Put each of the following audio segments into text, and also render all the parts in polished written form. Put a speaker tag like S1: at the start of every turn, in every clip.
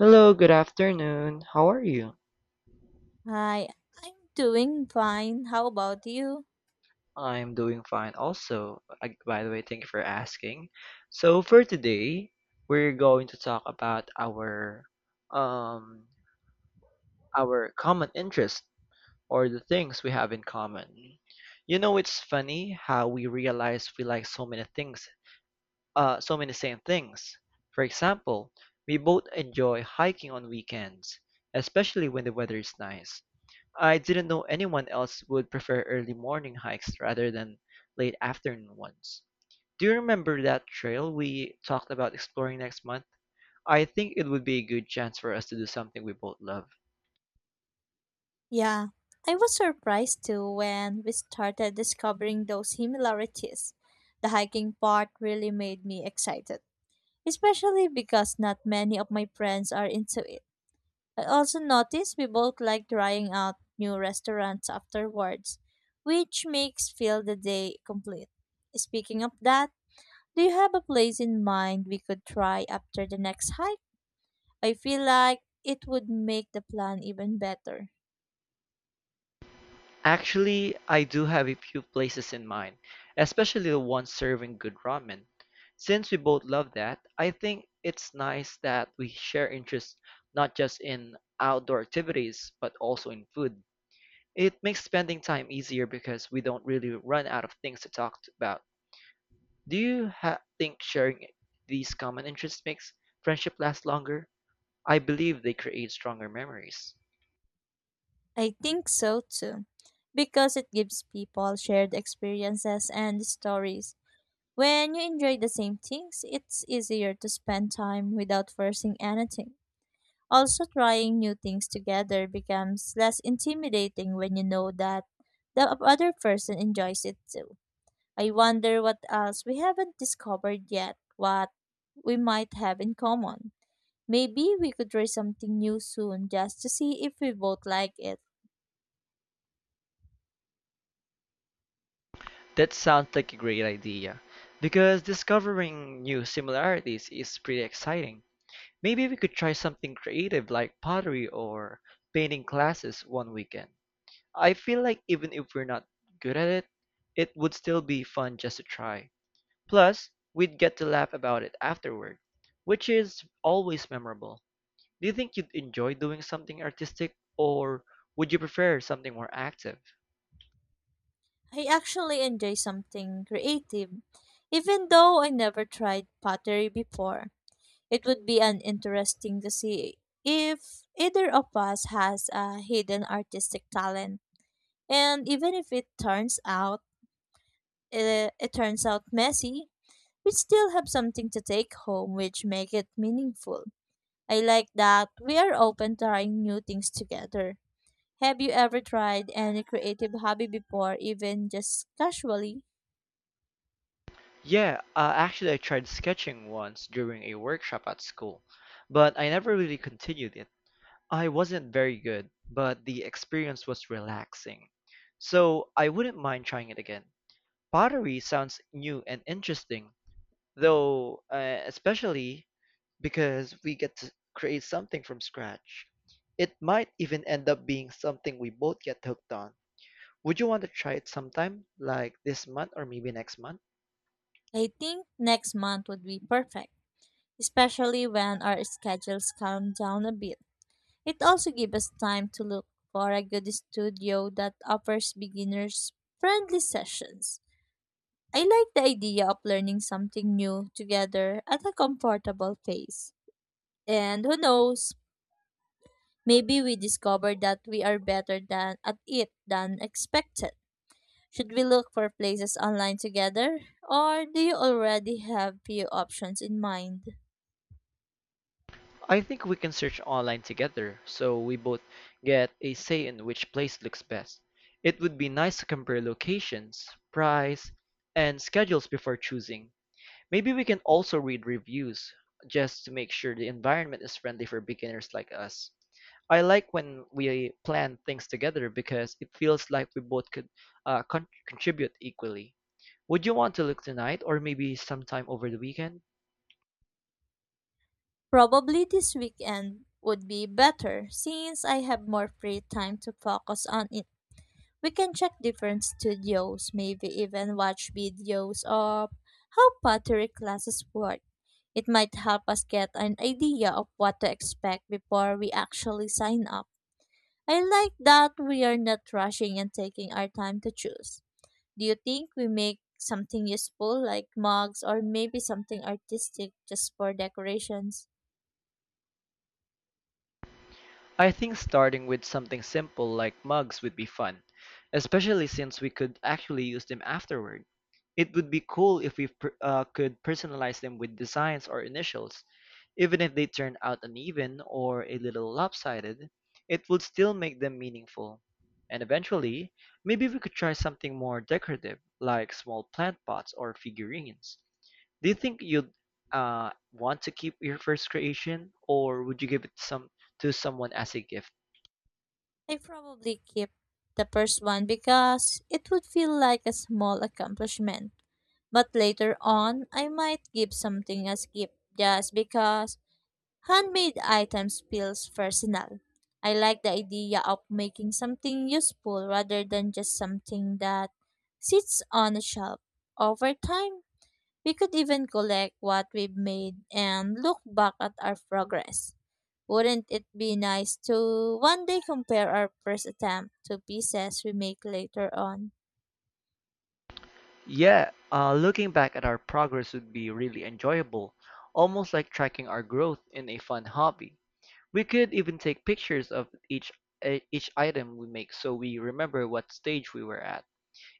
S1: Hello, good afternoon. How are you?
S2: Hi, I'm doing fine. How about you?
S1: I'm doing fine also. By the way, thank you for asking. So for today, we're going to talk about um our common interest or the things we have in common. You know, it's funny how we realize we like so many things, so many same things. For example, we both enjoy hiking on weekends, especially when the weather is nice. I didn't know anyone else would prefer early morning hikes rather than late afternoon ones. Do you remember that trail we talked about exploring next month? I think it would be a good chance for us to do something we both love.
S2: Yeah, I was surprised too when we started discovering those similarities. The hiking part really made me excited, especially because not many of my friends are into it. I also noticed we both like trying out new restaurants afterwards, which makes feel the day complete. Speaking of that, do you have a place in mind we could try after the next hike? I feel like it would make the plan even better.
S1: Actually, I do have a few places in mind, especially the one serving good ramen. Since we both love that, I think it's nice that we share interests not just in outdoor activities, but also in food. It makes spending time easier because we don't really run out of things to talk about. Think sharing these common interests makes friendship last longer? I believe they create stronger memories.
S2: I think so too, because it gives people shared experiences and stories. When you enjoy the same things, it's easier to spend time without forcing anything. Also, trying new things together becomes less intimidating when you know that the other person enjoys it too. I wonder what else we haven't discovered yet, what we might have in common. Maybe we could try something new soon just to see if we both like it.
S1: That sounds like a great idea because discovering new similarities is pretty exciting. Maybe we could try something creative like pottery or painting classes one weekend. I feel like even if we're not good at it, it would still be fun just to try. Plus, we'd get to laugh about it afterward, which is always memorable. Do you think you'd enjoy doing something artistic, or would you prefer something more active?
S2: I actually enjoy something creative, even though I never tried pottery before. It would be an interesting to see if either of us has a hidden artistic talent. And even if it turns out messy, we still have something to take home which make it meaningful. I like that we are open to trying new things together. Have you ever tried any creative hobby before, even just casually?
S1: Yeah, actually, I tried sketching once during a workshop at school, but I never really continued it. I wasn't very good, but the experience was relaxing. So I wouldn't mind trying it again. Pottery sounds new and interesting, though, especially because we get to create something from scratch. It might even end up being something we both get hooked on. Would you want to try it sometime, like this month or maybe next month?
S2: I think next month would be perfect, especially when our schedules calm down a bit. It also gives us time to look for a good studio that offers beginners friendly sessions. I like the idea of learning something new together at a comfortable pace. And who knows, maybe we discover that we are better than at it than expected. Should we look for places online together, or do you already have few options in mind?
S1: I think we can search online together so we both get a say in which place looks best. It would be nice to compare locations, price, and schedules before choosing. Maybe we can also read reviews just to make sure the environment is friendly for beginners like us. I like when we plan things together because it feels like we both could contribute equally. Would you want to look tonight or maybe sometime over the weekend?
S2: Probably this weekend would be better since I have more free time to focus on it. We can check different studios, maybe even watch videos of how pottery classes work. It might help us get an idea of what to expect before we actually sign up. I like that we are not rushing and taking our time to choose. Do you think we make something useful like mugs or maybe something artistic just for decorations?
S1: I think starting with something simple like mugs would be fun, especially since we could actually use them afterward. It would be cool if we could personalize them with designs or initials. Even if they turn out uneven or a little lopsided, it would still make them meaningful. And eventually, maybe we could try something more decorative, like small plant pots or figurines. Do you think you'd want to keep your first creation, or would you give it some to someone as a gift?
S2: I probably keep the first one because it would feel like a small accomplishment. But later on, I might give something as gift just because Handmade items feels personal. I like the idea of making something useful rather than just something that sits on a shelf. Over time, we could even collect what we've made and look back at our progress. Wouldn't it be nice to one day compare our first attempt to pieces we make later on?
S1: Yeah, looking back at our progress would be really enjoyable, almost like tracking our growth in a fun hobby. We could even take pictures of each item we make so we remember what stage we were at.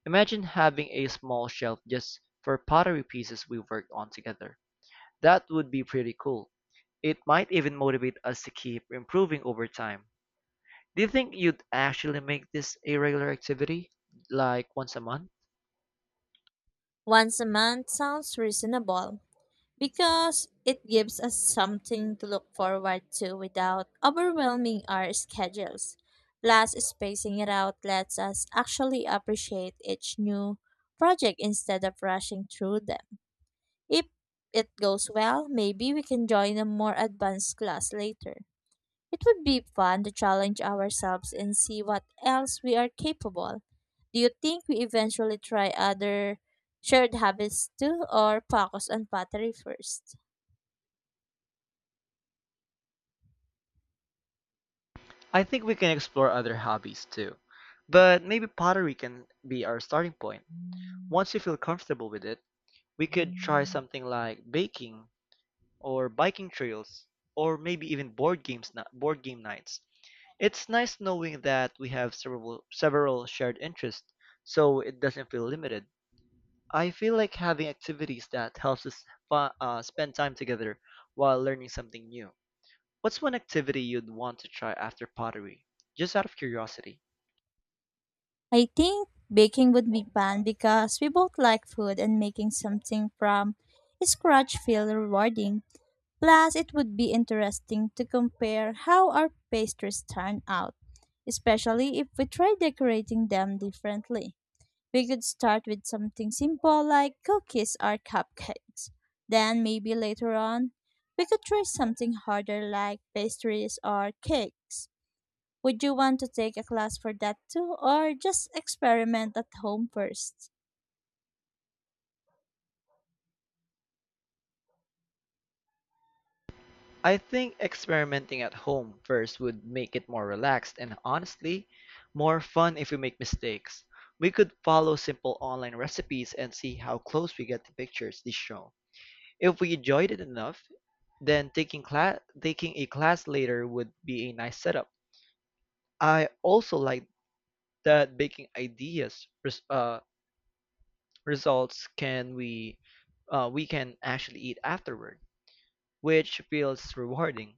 S1: Imagine having a small shelf just for pottery pieces we worked on together. That would be pretty cool. It might even motivate us to keep improving over time. Do you think you'd actually make this a regular activity, like once a month?
S2: Once a month sounds reasonable. Because it gives us something to look forward to without overwhelming our schedules. Plus, spacing it out lets us actually appreciate each new project instead of rushing through them. If it goes well, maybe we can join a more advanced class later. It would be fun to challenge ourselves and see what else we are capable. Do you think we eventually try other shared habits too or focus on pottery first?
S1: I think we can explore other hobbies too. But maybe pottery can be our starting point. Once you feel comfortable with it, we could try something like baking or biking trails or maybe even board game nights. It's nice knowing that we have several shared interests so it doesn't feel limited. I feel like having activities that helps us spend time together while learning something new. What's one activity you'd want to try after pottery? Just out of curiosity.
S2: I think baking would be fun because we both like food and making something from scratch feels rewarding. Plus, it would be interesting to compare how our pastries turn out, especially if we try decorating them differently. We could start with something simple like cookies or cupcakes. Then, maybe later on, we could try something harder like pastries or cakes. Would you want to take a class for that too, or just experiment at home first?
S1: I think experimenting at home first would make it more relaxed and honestly, more fun if we make mistakes. We could follow simple online recipes and see how close we get to pictures they show. If we enjoyed it enough, then taking a class later would be a nice setup. I also like that baking ideas res- results can we can actually eat afterward, which feels rewarding.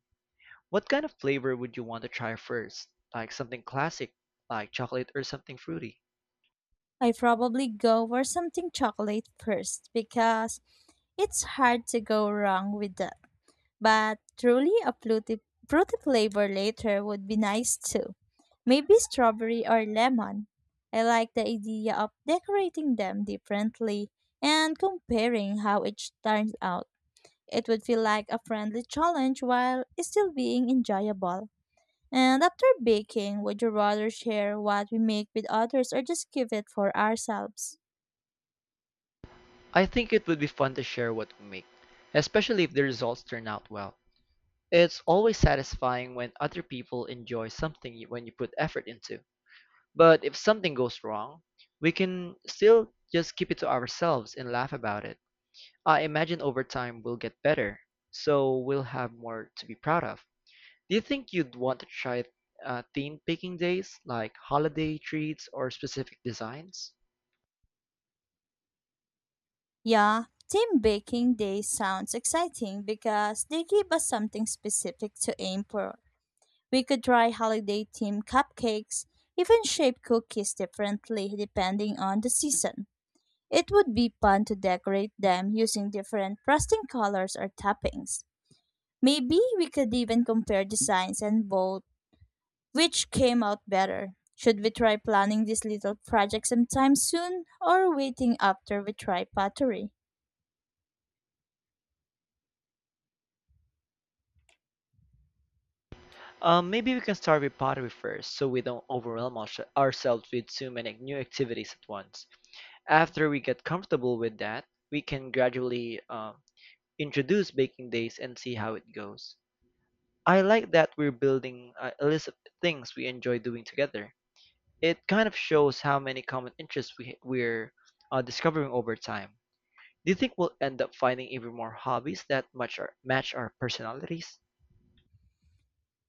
S1: What kind of flavor would you want to try first? Like something classic, like chocolate or something fruity?
S2: I probably go for something chocolate first because it's hard to go wrong with that. But truly a fruity flavor later would be nice too. Maybe strawberry or lemon. I like the idea of decorating them differently and comparing how each turns out. It would feel like a friendly challenge while still being enjoyable. And after baking, would you rather share what we make with others or just keep it for ourselves?
S1: I think it would be fun to share what we make, especially if the results turn out well. It's always satisfying when other people enjoy when you put effort into. But if something goes wrong, we can still just keep it to ourselves and laugh about it. I imagine over time we'll get better, so we'll have more to be proud of. Do you think you'd want to try theme picking days, like holiday treats or specific designs?
S2: Yeah, team baking day sounds exciting because they give us something specific to aim for. We could try holiday themed cupcakes, even shape cookies differently depending on the season. It would be fun to decorate them using different frosting colors or toppings. Maybe we could even compare designs and vote which came out better. Should we try planning this little project sometime soon or waiting after we try pottery?
S1: Maybe we can start with pottery first, so we don't ourselves with too many new activities at once. After we get comfortable with that, we can gradually introduce baking days and see how it goes. I like that we're building a list of things we enjoy doing together. It kind of shows how many common interests we're discovering over time. Do you think we'll end up finding even more hobbies match our personalities?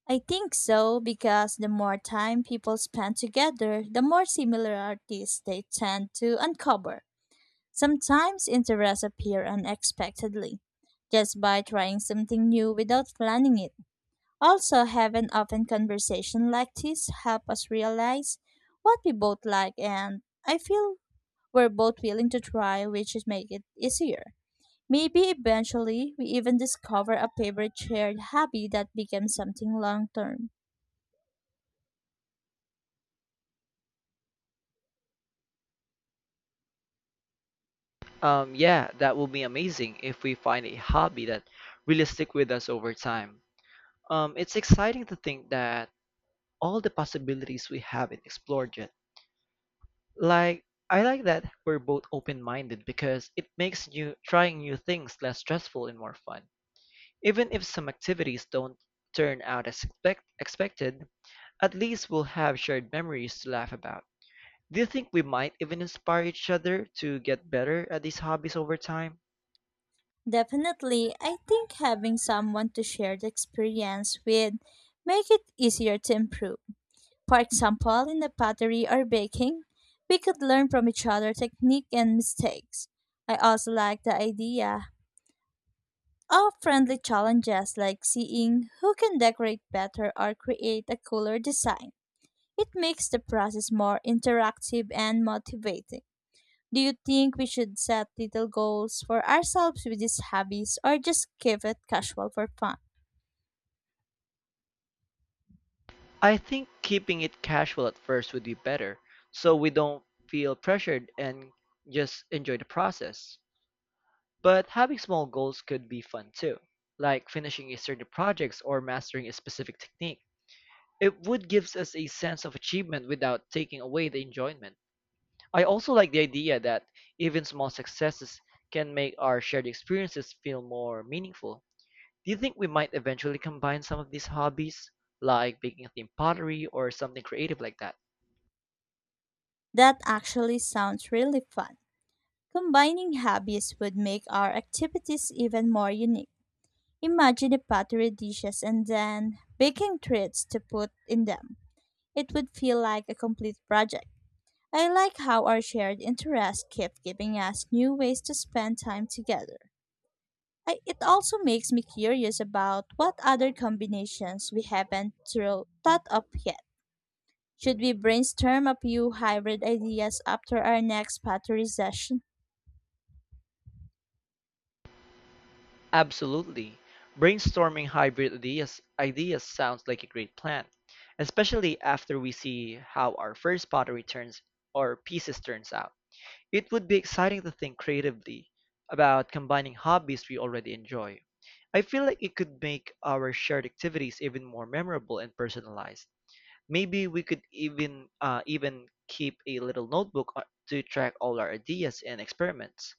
S2: I think so because the more time people spend together, the more similarities they tend to uncover. Sometimes interests appear unexpectedly, just by trying something new without planning it. Also, having open conversation like this help us realize what we both like and I feel we're both willing to try, which is make it easier. Maybe eventually we even discover a favorite shared hobby that becomes something long term.
S1: Yeah, that will be amazing if we find a hobby that really stick with us over time. It's exciting to think that all the possibilities we haven't explored yet. Like, I like that we're both open-minded because it makes new trying new things less stressful and more fun. Even if some activities don't turn out as expected, at least we'll have shared memories to laugh about. Do you think we might even inspire each other to get better at these hobbies over time?
S2: Definitely, I think having someone to share the experience with make it easier to improve. For example, in the pottery or baking, we could learn from each other technique and mistakes. I also like the idea of friendly challenges like seeing who can decorate better or create a cooler design. It makes the process more interactive and motivating. Do you think we should set little goals for ourselves with these hobbies or just keep it casual for fun?
S1: I think keeping it casual at first would be better, so we don't feel pressured and just enjoy the process. But having small goals could be fun too, like finishing a certain project or mastering a specific technique. It would gives us a sense of achievement without taking away the enjoyment. I also like the idea that even small successes can make our shared experiences feel more meaningful. Do you think we might eventually combine some of these hobbies, like baking a themed pottery or something creative like that?
S2: That actually sounds really fun. Combining hobbies would make our activities even more unique. Imagine the pottery dishes and then baking treats to put in them. It would feel like a complete project. I like how our shared interests keep giving us new ways to spend time together. It also makes me curious about what other combinations we haven't thought of yet. Should we brainstorm a few hybrid ideas after our next pottery session?
S1: Absolutely. Brainstorming hybrid ideas ideas sounds like a great plan, especially after we see how our first pottery turns or pieces turns out. It would be exciting to think creatively about combining hobbies we already enjoy. I feel like it could make our shared activities even more memorable and personalized. Maybe we could even even keep a little notebook to track all our ideas and experiments.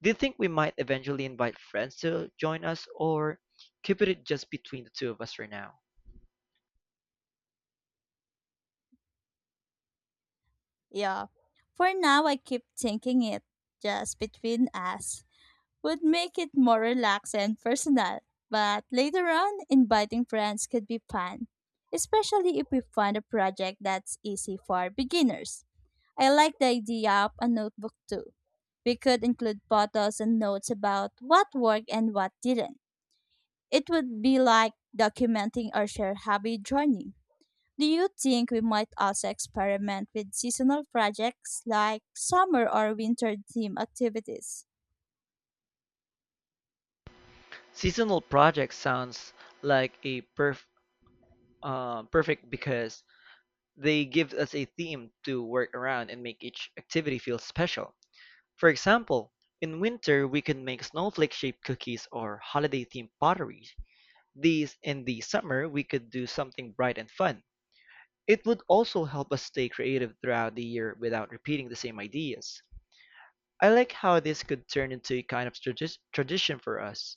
S1: Do you think we might eventually invite friends to join us or keep it just between the two of us for now?
S2: Yeah. For now, I keep thinking it just between us would make it more relaxed and personal. But later on, inviting friends could be fun, especially if we find a project that's easy for beginners. I like the idea of a notebook too. We could include photos and notes about what worked and what didn't. It would be like documenting our shared hobby journey. Do you think we might also experiment with seasonal projects like summer or winter theme activities?
S1: Seasonal projects sounds like a perfect because they give us a theme to work around and make each activity feel special. For example, in winter we could make snowflake-shaped cookies or holiday-themed pottery. These in the summer we could do something bright and fun. It would also help us stay creative throughout the year without repeating the same ideas. I like how this could turn into a kind of tradition for us.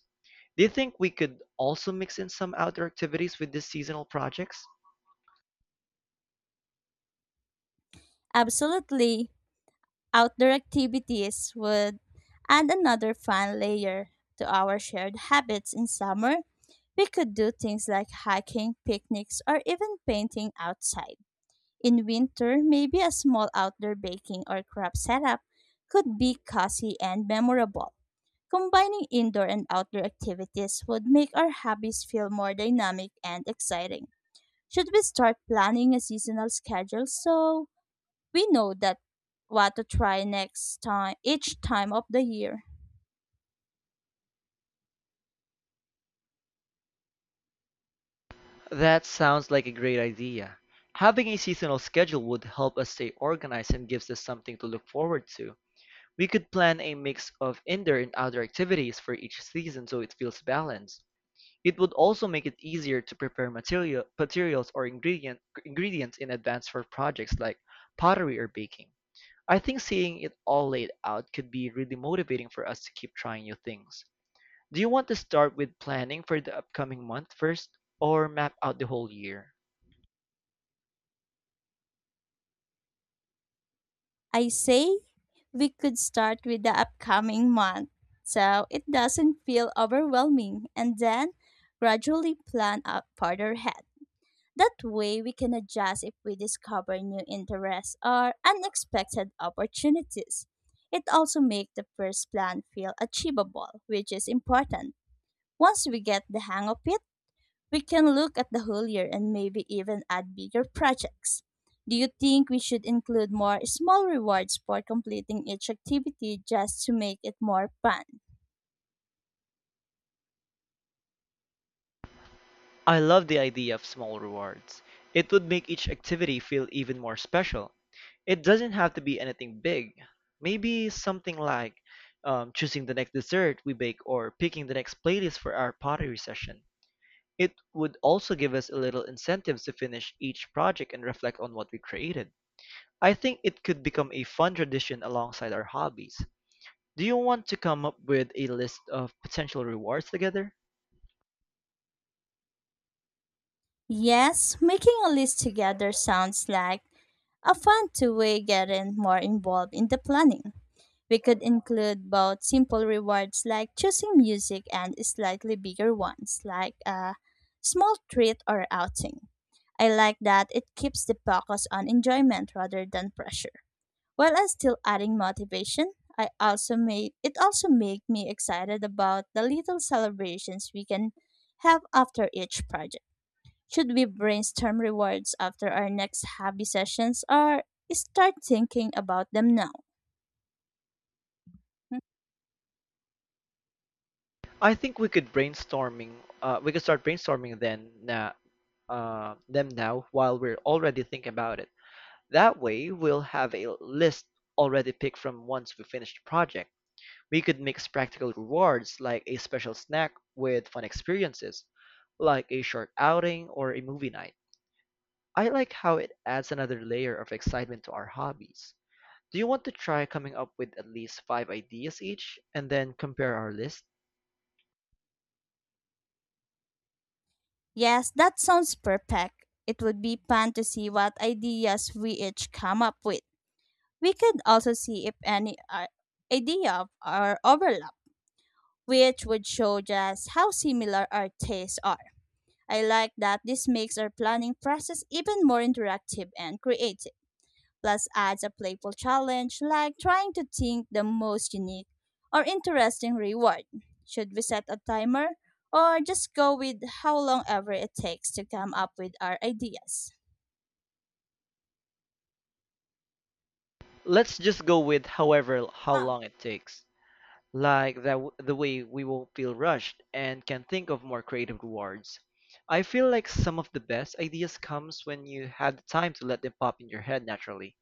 S1: Do you think we could also mix in some outdoor activities with these seasonal projects?
S2: Absolutely. Outdoor activities would add another fun layer to our shared habits in summer. We could do things like hiking, picnics, or even painting outside. In winter, maybe a small outdoor baking or craft setup could be cozy and memorable. Combining indoor and outdoor activities would make our hobbies feel more dynamic and exciting. Should we start planning a seasonal schedule so we know that what to try next time each time of the year?
S1: That sounds like a great idea. Having a seasonal schedule would help us stay organized and gives us something to look forward to. We could plan a mix of indoor and outdoor activities for each season so it feels balanced. It would also make it easier to prepare materials or ingredients in advance for projects like pottery or baking. I think seeing it all laid out could be really motivating for us to keep trying new things. Do you want to start with planning for the upcoming month first or map out the whole year?
S2: I say we could start with the upcoming month so it doesn't feel overwhelming and then gradually plan up further ahead. That way we can adjust if we discover new interests or unexpected opportunities. It also makes the first plan feel achievable, which is important. Once we get the hang of it, we can look at the whole year and maybe even add bigger projects. Do you think we should include more small rewards for completing each activity just to make it more fun?
S1: I love the idea of small rewards. It would make each activity feel even more special. It doesn't have to be anything big. Maybe something like choosing the next dessert we bake or picking the next playlist for our pottery session. It would also give us a little incentives to finish each project and reflect on what we created. I think it could become a fun tradition alongside our hobbies. Do you want to come up with a list of potential rewards together?
S2: Yes, making a list together sounds like a fun two-way getting more involved in the planning. We could include both simple rewards like choosing music and slightly bigger ones like a small treat or outing. I like that it keeps the focus on enjoyment rather than pressure. While I still adding motivation, I also made it also make me excited about the little celebrations we can have after each project. Should we brainstorm rewards after our next hobby sessions or start thinking about them now? Hı.
S1: I think we could brainstorming. We could start brainstorming then na them now while we're already thinking about it. That way, we'll have a list already picked from once we finish the project. We could mix practical rewards like a special snack with fun experiences, like a short outing or a movie night. I like how it adds another layer of excitement to our hobbies. Do you want to try coming up with at least five ideas each and then compare our list?
S2: Yes, that sounds perfect. It would be fun to see what ideas we each come up with. We could also see if any idea of our overlap, which would show just how similar our tastes are. I like that this makes our planning process even more interactive and creative, plus adds a playful challenge like trying to think the most unique or interesting reward. Should we set a timer or just go with how long ever it takes to come up with our ideas?
S1: Let's just go with however how
S2: Ah,
S1: long it takes. Like the way we won't feel rushed and can think of more creative rewards. I feel like some of the best ideas comes when you had the time to let them pop in your head naturally.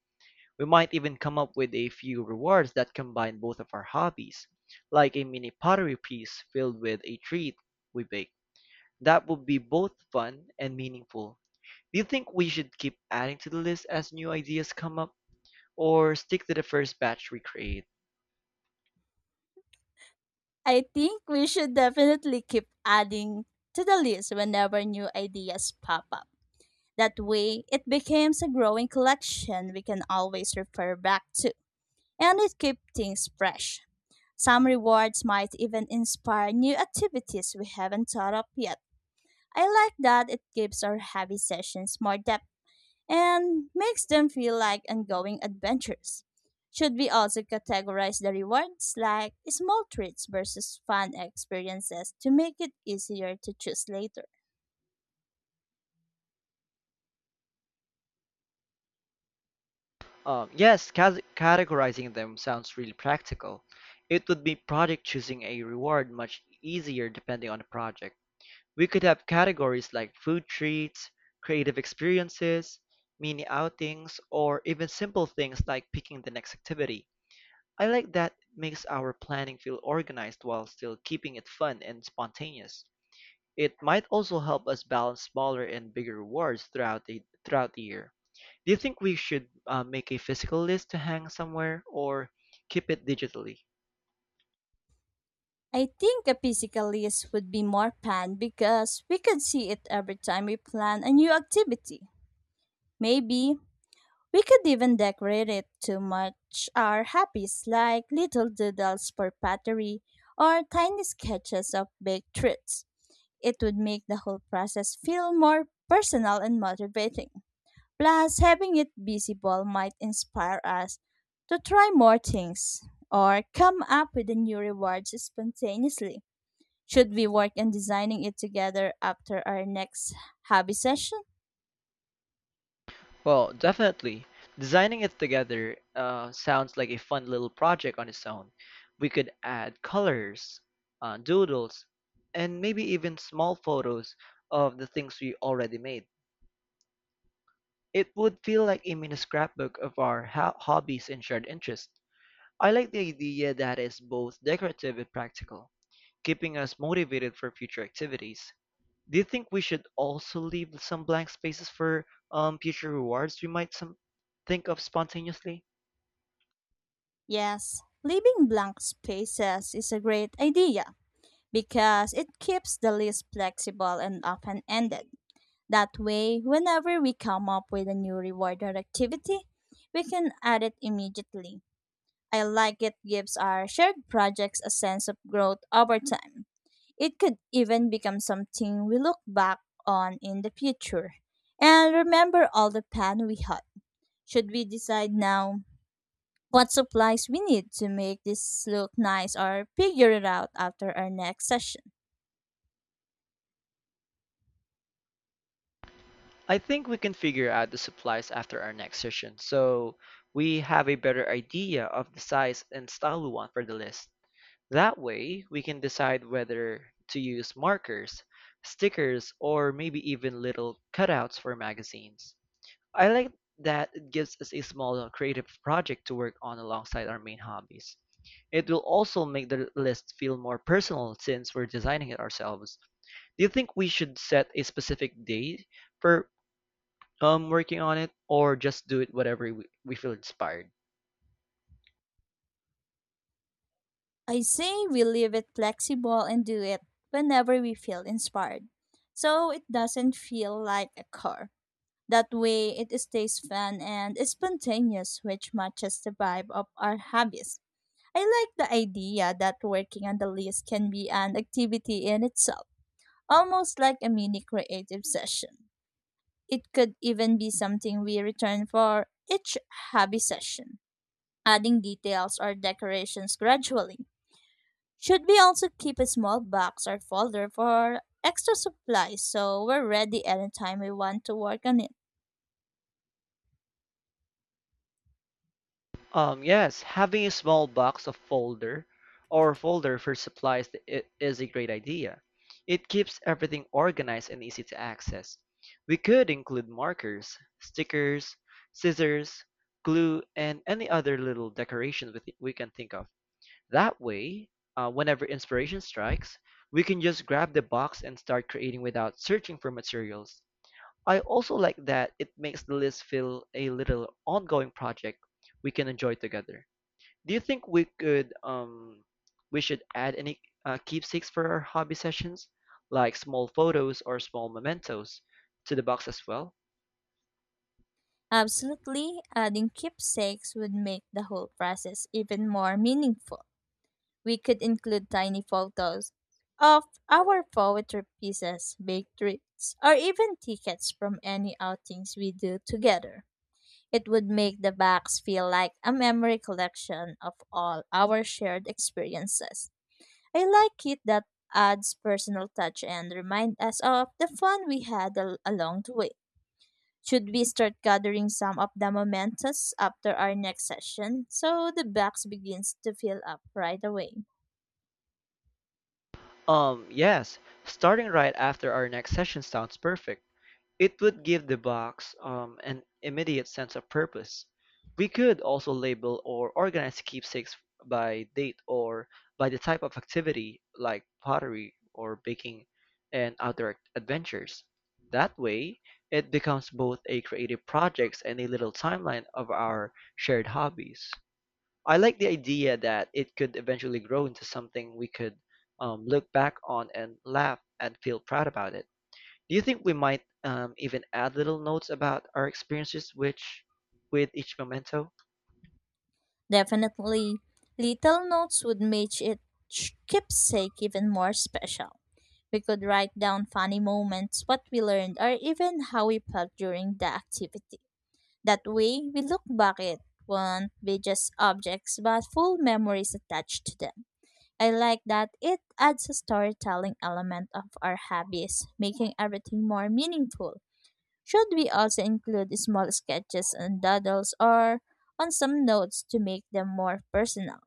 S1: We might even come up with a few rewards that combine both of our hobbies, like a mini pottery piece filled with a treat we bake. That would be both fun and meaningful. Do you think we should keep adding to the list as new ideas come up, or stick to the first batch we create?
S2: I think we should definitely keep adding to the list whenever new ideas pop up. That way, it becomes a growing collection we can always refer back to, and it keeps things fresh. Some rewards might even inspire new activities we haven't thought of yet. I like that it gives our heavy sessions more depth and makes them feel like ongoing adventures. Should we also categorize the rewards like small treats versus fun experiences to make it easier to choose later?
S1: Yes, categorizing them sounds really practical. It would be project choosing a reward much easier depending on the project. We could have categories like food treats, creative experiences, mini outings, or even simple things like picking the next activity. I like that it makes our planning feel organized while still keeping it fun and spontaneous. It might also help us balance smaller and bigger rewards throughout the year. Do you think we should make a physical list to hang somewhere or keep it digitally?
S2: I think a physical list would be more fun because we could see it every time we plan a new activity. Maybe we could even decorate it to match our hobbies, like little doodles for pottery or tiny sketches of baked treats. It would make the whole process feel more personal and motivating. Plus, having it visible might inspire us to try more things or come up with a new reward spontaneously. Should we work on designing it together after our next hobby session?
S1: Well, definitely. Designing it together sounds like a fun little project on its own. We could add colors, doodles, and maybe even small photos of the things we already made. It would feel like a mini scrapbook of our hobbies and shared interests. I like the idea that is both decorative and practical, keeping us motivated for future activities. Do you think we should also leave some blank spaces for future rewards we might some think of spontaneously?
S2: Yes, leaving blank spaces is a great idea, because it keeps the list flexible and open ended. That way, whenever we come up with a new reward or activity, we can add it immediately. I like it gives our shared projects a sense of growth over time. It could even become something we look back on in the future and remember all the fun we had. Should we decide now what supplies we need to make this look nice or figure it out after our next session?
S1: I think we can figure out the supplies after our next session, so we have a better idea of the size and style we want for the list. That way, we can decide whether to use markers, stickers, or maybe even little cutouts for magazines. I like that it gives us a small creative project to work on alongside our main hobbies. It will also make the list feel more personal since we're designing it ourselves. Do you think we should set a specific date for working on it, or just do it whatever we feel inspired?
S2: I say we leave it flexible and do it whenever we feel inspired, so it doesn't feel like a core. That way it stays fun and spontaneous, which matches the vibe of our hobbies. I like the idea that working on the list can be an activity in itself, almost like a mini creative session. It could even be something we return for each hobby session, adding details or decorations gradually. Should we also keep a small box or folder for extra supplies so we're ready anytime we want to work on it?
S1: Yes, having a small box of folder or folder for supplies is a great idea. It keeps everything organized and easy to access. We could include markers, stickers, scissors, glue, and any other little decorations we can think of. That way, whenever inspiration strikes, we can just grab the box and start creating without searching for materials. I also like that it makes the list feel a little ongoing project we can enjoy together. Do you think we should add any keepsakes for our hobby sessions, like small photos or small mementos, to the box as well?
S2: Absolutely, adding keepsakes would make the whole process even more meaningful. We could include tiny photos of our poetry pieces, baked treats, or even tickets from any outings we do together. It would make the box feel like a memory collection of all our shared experiences. I like it that adds personal touch and remind us of the fun we had along the way. Should we start gathering some of the mementos after our next session so the box begins to fill up right away?
S1: Yes, starting right after our next session sounds perfect. It would give the box an immediate sense of purpose. We could also label or organize keepsakes by date or by the type of activity, like pottery or baking and outdoor adventures. That way, it becomes both a creative project and a little timeline of our shared hobbies. I like the idea that it could eventually grow into something we could look back on and laugh and feel proud about it. Do you think we might even add little notes about our experiences with each memento?
S2: Definitely, little notes would make it keepsake even more special. We could write down funny moments, what we learned, or even how we felt during the activity. That way, we look back it won't be just objects but full memories attached to them. I like that it adds a storytelling element of our hobbies, making everything more meaningful. Should we also include small sketches and doodles or on some notes to make them more personal?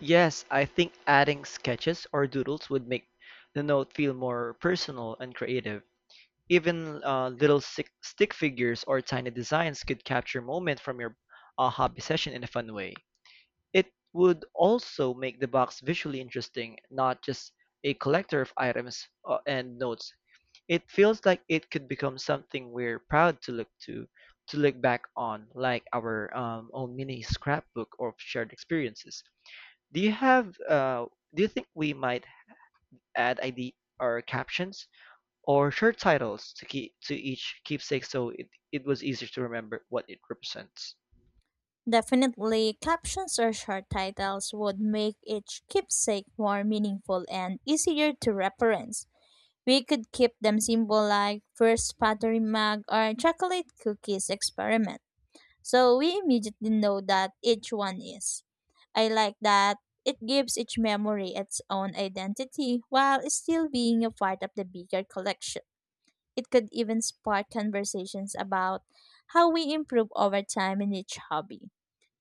S1: Yes, I think adding sketches or doodles would make the note feel more personal and creative. Even stick figures or tiny designs could capture moment from your hobby session in a fun way. It would also make the box visually interesting, not just a collector of items and notes. It feels like it could become something we're proud to look back on, like our own mini scrapbook of shared experiences. Do you have? Do you think we might add ID or captions? Or short titles to keep to each keepsake so it was easier to remember what it represents?
S2: Definitely, captions or short titles would make each keepsake more meaningful and easier to reference. We could keep them simple like first pottery mug or chocolate cookies experiment, so we immediately know that each one is. I like that it gives each memory its own identity while still being a part of the bigger collection. It could even spark conversations about how we improve over time in each hobby.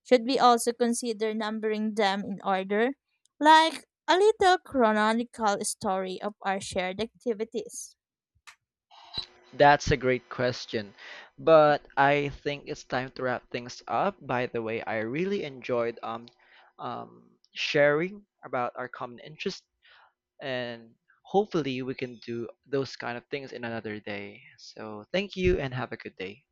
S2: Should we also consider numbering them in order, like a little chronological story of our shared activities?
S1: That's a great question, but I think it's time to wrap things up. By the way, I really enjoyed sharing about our common interest and hopefully we can do those kind of things in another day. So thank you and have a good day.